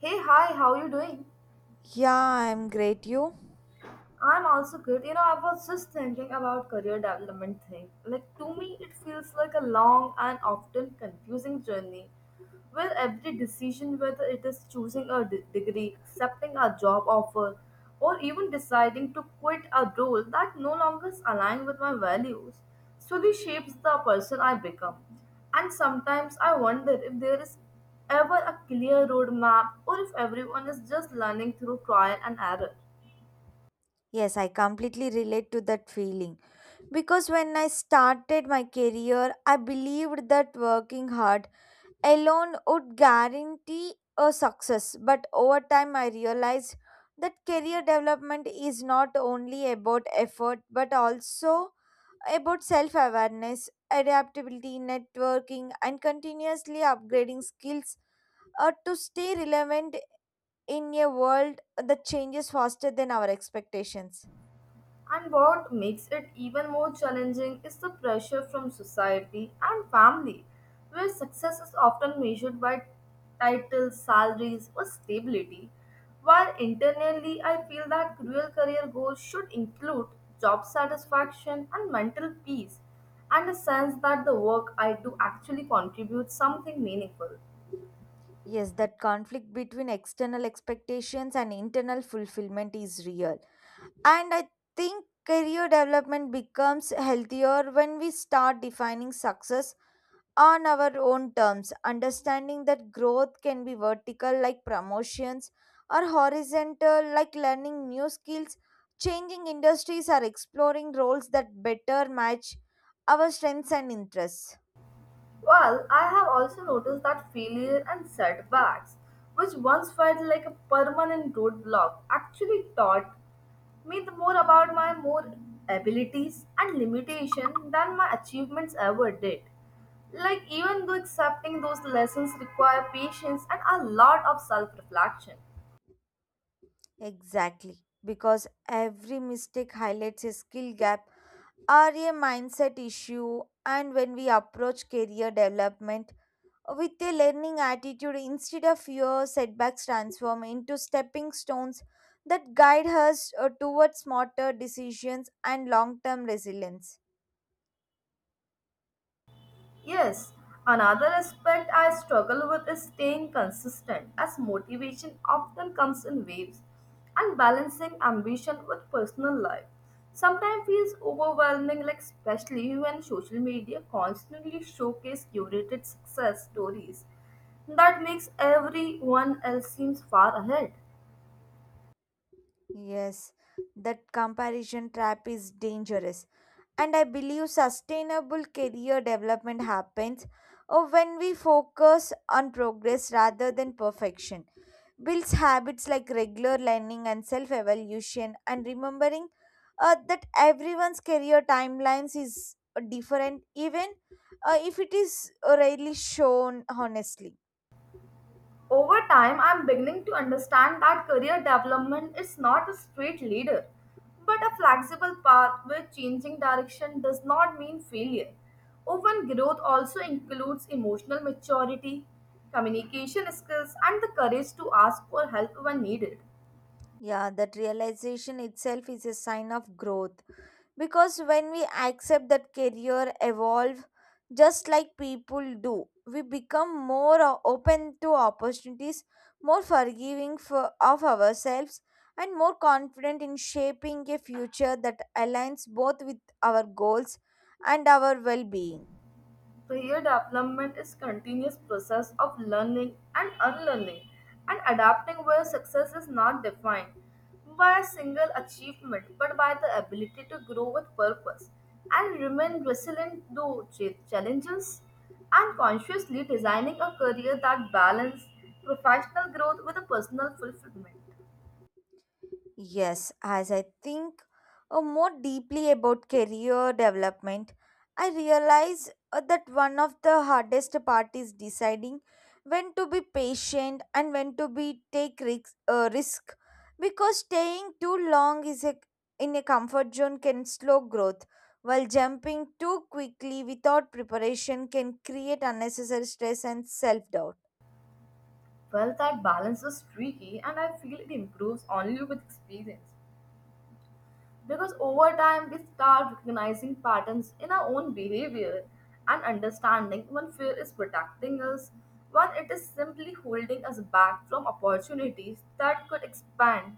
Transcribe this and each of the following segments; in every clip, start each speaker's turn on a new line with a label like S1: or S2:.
S1: Hey, hi, how you doing?
S2: Yeah, I'm great. You?
S1: I'm also good. You know, I was just thinking about career development thing. Like to me, it feels like a long and often confusing journey where every decision, whether it is choosing a degree, accepting a job offer, or even deciding to quit a role that no longer aligns with my values, slowly shapes the person I become. And sometimes I wonder if there is ever a clear roadmap or if everyone is just learning through trial and error.
S2: Yes, I completely relate to that feeling. Because when I started my career, I believed that working hard alone would guarantee a success. But over time, I realized that career development is not only about effort but also about self awareness, adaptability, networking, and continuously upgrading skills to stay relevant in a world that changes faster than our expectations.
S1: And what makes it even more challenging is the pressure from society and family, where success is often measured by titles, salaries, or stability. While internally, I feel that real career goals should include job satisfaction and mental peace, and a sense that the work I do actually contributes something meaningful.
S2: Yes, that conflict between external expectations and internal fulfillment is real. And I think career development becomes healthier when we start defining success on our own terms, understanding that growth can be vertical, like promotions, or horizontal, like learning new skills, changing industries, or exploring roles that better match our strengths and interests.
S1: Well, I have also noticed that failure and setbacks, which once felt like a permanent roadblock, actually taught me the more about my more abilities and limitation than my achievements ever did. Like even though accepting those lessons require patience and a lot of self-reflection.
S2: Exactly, because every mistake highlights a skill gap or a mindset issue, and when we approach career development with a learning attitude instead of fear, setbacks transform into stepping stones that guide us towards smarter decisions and long term resilience.
S1: Yes, another aspect I struggle with is staying consistent, as motivation often comes in waves, and balancing ambition with personal life sometimes feels overwhelming, like especially when social media constantly showcase curated success stories that makes everyone else seems far ahead.
S2: Yes, that comparison trap is dangerous. And I believe sustainable career development happens when we focus on progress rather than perfection. Builds habits like regular learning and self evaluation, and remembering that everyone's career timelines is different, even if it is rarely shown honestly.
S1: Over time, I'm beginning to understand that career development is not a straight leader, but a flexible path where changing direction does not mean failure. Often, growth also includes emotional maturity, communication skills, and the courage to ask for help when needed.
S2: Yeah, that realization itself is a sign of growth because when we accept that career evolve just like people do we become more open to opportunities more forgiving of ourselves and more confident in shaping a future that aligns both with our goals and our well-being.
S1: Career development is continuous process of learning and unlearning and adapting where success is not defined by a single achievement but by the ability to grow with purpose and remain resilient to challenges and consciously designing a career that balances professional growth with a personal fulfillment.
S2: Yes, as I think more deeply about career development, I realize that one of the hardest part is deciding when to be patient and when to be take risk because staying too long, in a comfort zone can slow growth while jumping too quickly without preparation can create unnecessary stress and self doubt.
S1: Well, that balance is tricky and I feel it improves only with experience. Because over time, we start recognizing patterns in our own behavior and understanding when fear is protecting us, when it is simply holding us back from opportunities that could expand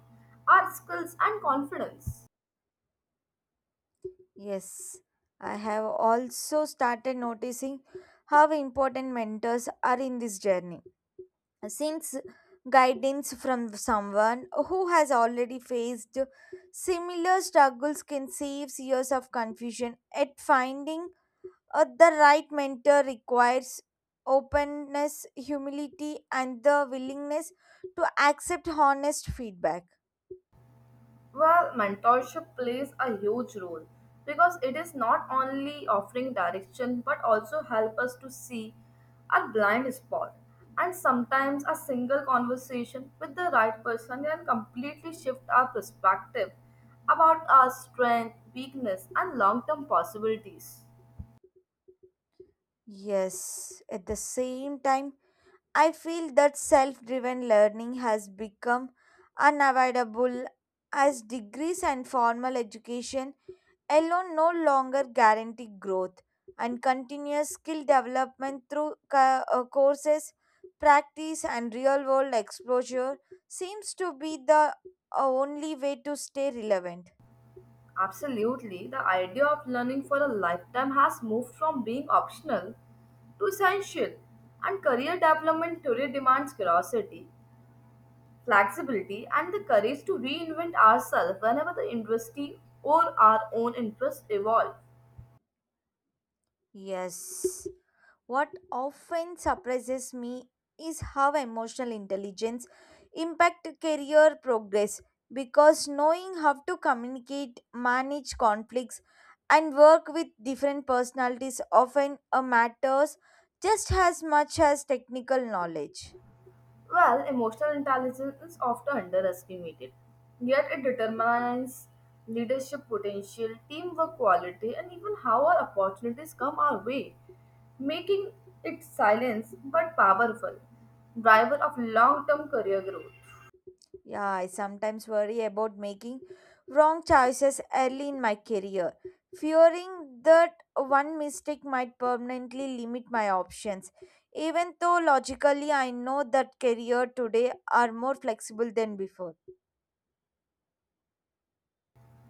S1: our skills and confidence.
S2: Yes, I have also started noticing how important mentors are in this journey. Since guidance from someone who has already faced similar struggles can save years of confusion, at finding the right mentor requires openness, humility, and the willingness to accept honest feedback.
S1: Well, mentorship plays a huge role because it is not only offering direction but also help us to see our blind spot. And sometimes a single conversation with the right person can completely shift our perspective about our strength, weakness, and long-term possibilities.
S2: Yes, at the same time, I feel that self driven learning has become unavoidable as degrees and formal education alone no longer guarantee growth, and continuous skill development through courses, practice, and real world exposure seems to be the only way to stay relevant.
S1: Absolutely, the idea of learning for a lifetime has moved from being optional to essential, and career development today demands curiosity, flexibility, and the courage to reinvent ourselves whenever the industry or our own interests evolve.
S2: Yes. What often surprises me is how emotional intelligence impact career progress because knowing how to communicate, manage conflicts and work with different personalities often matters just as much as technical knowledge.
S1: Well, emotional intelligence is often underestimated, yet it determines leadership potential, teamwork quality, and even how our opportunities come our way, making it silence but powerful driver of long-term career growth.
S2: Yeah, I sometimes worry about making wrong choices early in my career, fearing that one mistake might permanently limit my options. Even though logically I know that career today are more flexible than before.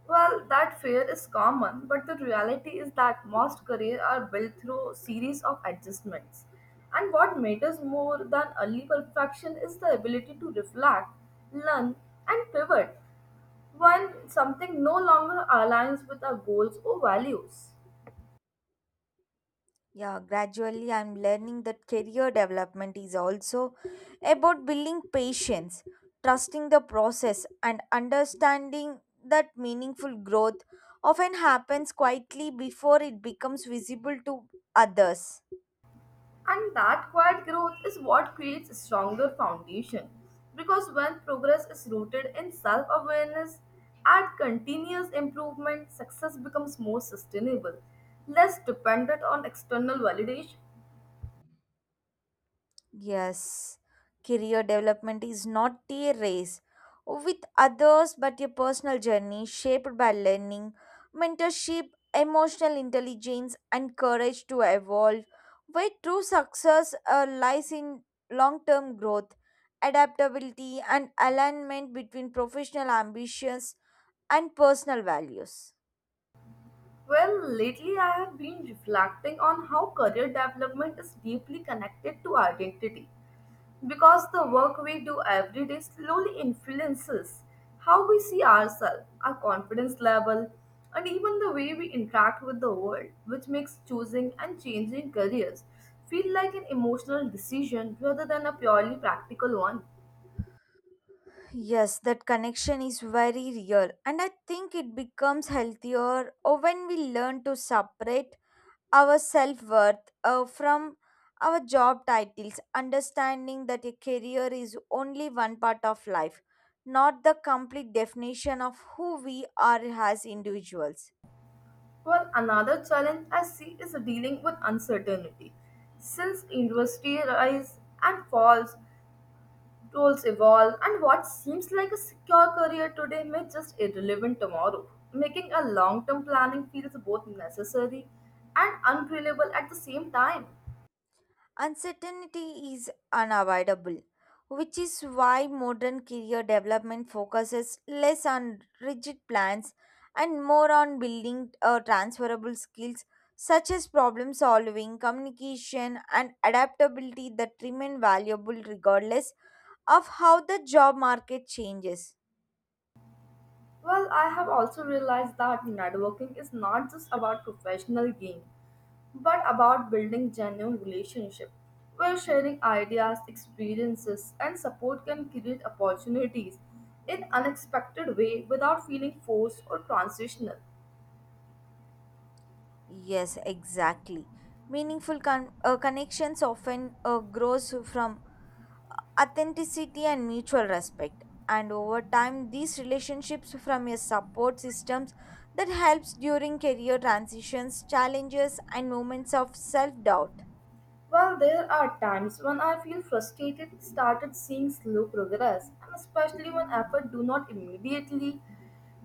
S1: Well, that fear is common, but the reality is that most careers are built through series of adjustments. And what matters more than early perfection is the ability to reflect, learn, and pivot when something no longer aligns with our goals or values.
S2: Yeah, gradually I'm learning that career development is also about building patience, trusting the process, and understanding that meaningful growth often happens quietly before it becomes visible to others.
S1: And that quiet growth is what creates a stronger foundation. Because when progress is rooted in self awareness and continuous improvement, success becomes more sustainable, less dependent on external validation.
S2: Yes, career development is not a race with others but a personal journey shaped by learning, mentorship, emotional intelligence, and courage to evolve. Where true success lies in long term growth, adaptability, and alignment between professional ambitions and personal values.
S1: Well, lately I have been reflecting on how career development is deeply connected to identity. Because the work we do every day slowly influences how we see ourselves, our confidence level, and even the way we interact with the world, which makes choosing and changing careers feel like an emotional decision rather than a purely practical one.
S2: Yes, that connection is very real, and I think it becomes healthier or when we learn to separate our self worth from our job titles, understanding that a career is only one part of life, not the complete definition of who we are as individuals.
S1: Well, another challenge I see is dealing with uncertainty. Since industry rise and falls, roles evolve, and what seems like a secure career today may just irrelevant tomorrow, making a long-term planning feels both necessary and unreliable at the same time.
S2: Uncertainty is unavoidable, which is why modern career development focuses less on rigid plans and more on building transferable skills such as problem solving, communication, and adaptability that remain valuable regardless of how the job market changes.
S1: Well, I have also realized that networking is not just about professional gain, but about building genuine relationships where sharing ideas, experiences, and support can create opportunities in unexpected way without feeling forced or transitional.
S2: Yes, exactly. Meaningful connections often grows from authenticity and mutual respect and over time these relationships from a support systems that helps during career transitions challenges and moments of self doubt.
S1: Well, there are times when I feel frustrated started seeing slow progress, and especially when effort do not immediately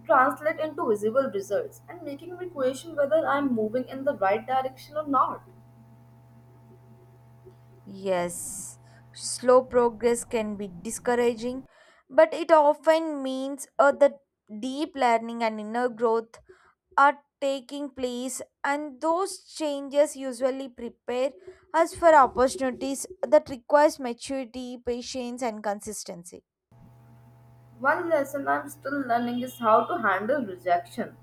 S1: translate into visible results and making me question whether I'm moving in the right direction or not.
S2: Yes, slow progress can be discouraging but it often means that deep learning and inner growth are taking place and those changes usually prepare us for opportunities that requires maturity patience and consistency.
S1: One lesson I'm still learning is how to handle rejection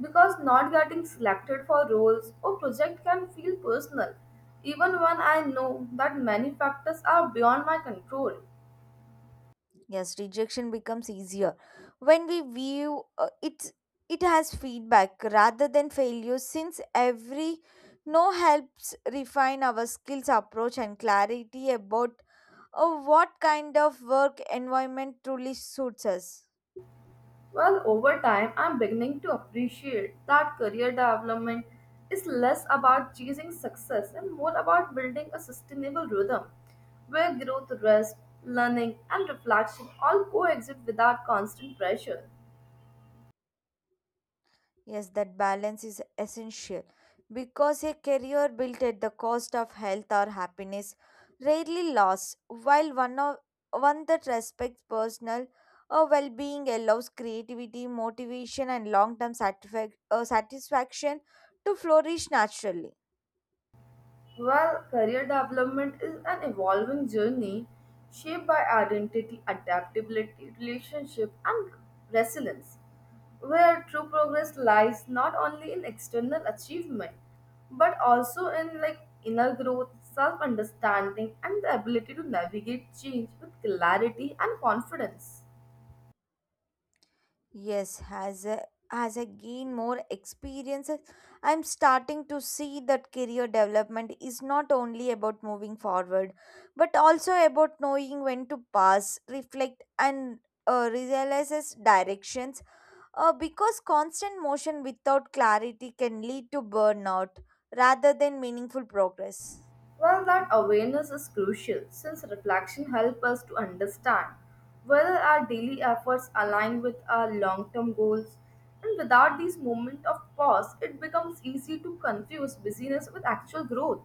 S1: because not getting selected for roles or project can feel personal even when I know that many factors are beyond my control.
S2: Yes, rejection becomes easier when we view it has feedback rather than failure since every no helps refine our skills approach and clarity about what kind of work environment truly suits us.
S1: Well, over time, I'm beginning to appreciate that career development is less about chasing success and more about building a sustainable rhythm where growth, rest, learning, and reflection all coexist without constant pressure.
S2: Yes, that balance is essential because a career built at the cost of health or happiness rarely lasts, while one that respects personal or well being allows creativity, motivation, and long term satisfaction to flourish naturally.
S1: Well, career development is an evolving journey shaped by identity, adaptability, relationship, and resilience, where true progress lies not only in external achievement but also in like inner growth, self-understanding, and the ability to navigate change with clarity and confidence.
S2: Yes, as I gain more experiences, I'm starting to see that career development is not only about moving forward, but also about knowing when to pause, reflect, and realizes directions. Because constant motion without clarity can lead to burnout rather than meaningful progress.
S1: Well, that awareness is crucial since reflection helps us to understand whether our daily efforts align with our long term goals. And without these moments of pause, it becomes easy to confuse busyness with actual growth.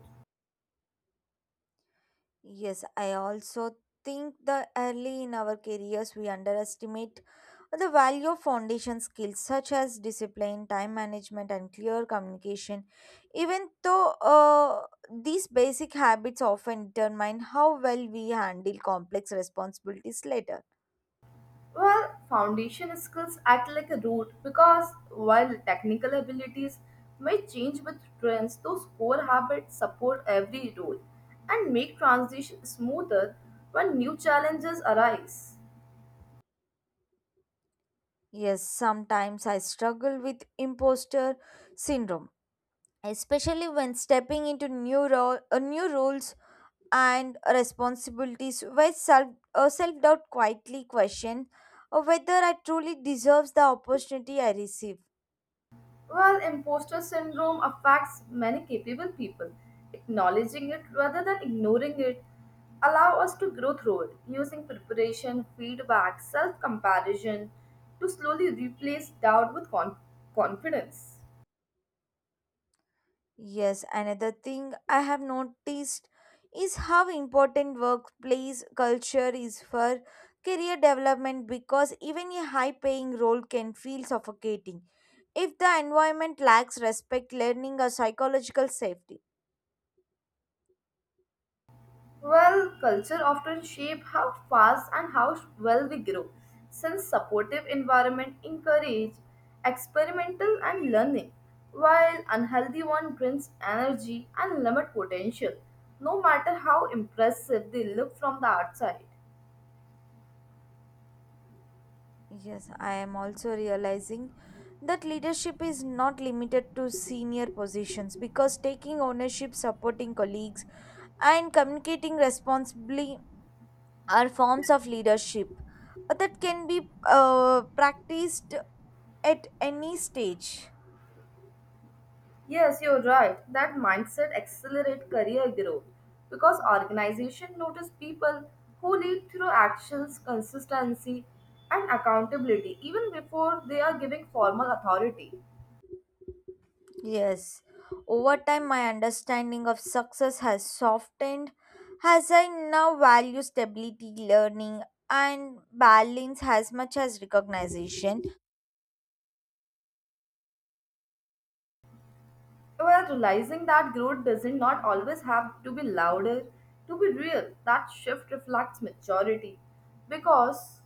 S2: Yes, I also think that early in our careers we underestimate the value of foundation skills such as discipline, time management, and clear communication. Even though these basic habits often determine how well we handle complex responsibilities later.
S1: Well, foundation skills act like a root because while technical abilities may change with trends, those core habits support every role and make transition smoother when new challenges arise.
S2: Yes, sometimes I struggle with imposter syndrome, especially when stepping into new roles and responsibilities where self doubt quietly question whether I truly deserves the opportunity I receive.
S1: Well, imposter syndrome affects many capable people. Acknowledging it rather than ignoring it allow us to grow through it using preparation, feedback, self-comparison to slowly replace doubt with confidence.
S2: Yes, another thing I have noticed is how important workplace culture is for career development because even a high paying role can feel suffocating if the environment lacks respect, learning, or psychological safety.
S1: Well, culture often shape how fast and how well we grow, since supportive environment encourage experimental and learning, while unhealthy one drains energy and limit potential, no matter how impressive they look from the outside.
S2: Yes, I am also realizing that leadership is not limited to senior positions because taking ownership, supporting colleagues, and communicating responsibly are forms of leadership that can be practiced at any stage.
S1: Yes, you're right. That mindset accelerate career growth because organization notice people who lead through actions, consistency, and accountability even before they are giving formal authority.
S2: Yes, over time, my understanding of success has softened as I now value stability, learning, and balance as much as recognition.
S1: While realizing that growth doesn't not always have to be louder to be real, that shift reflects maturity because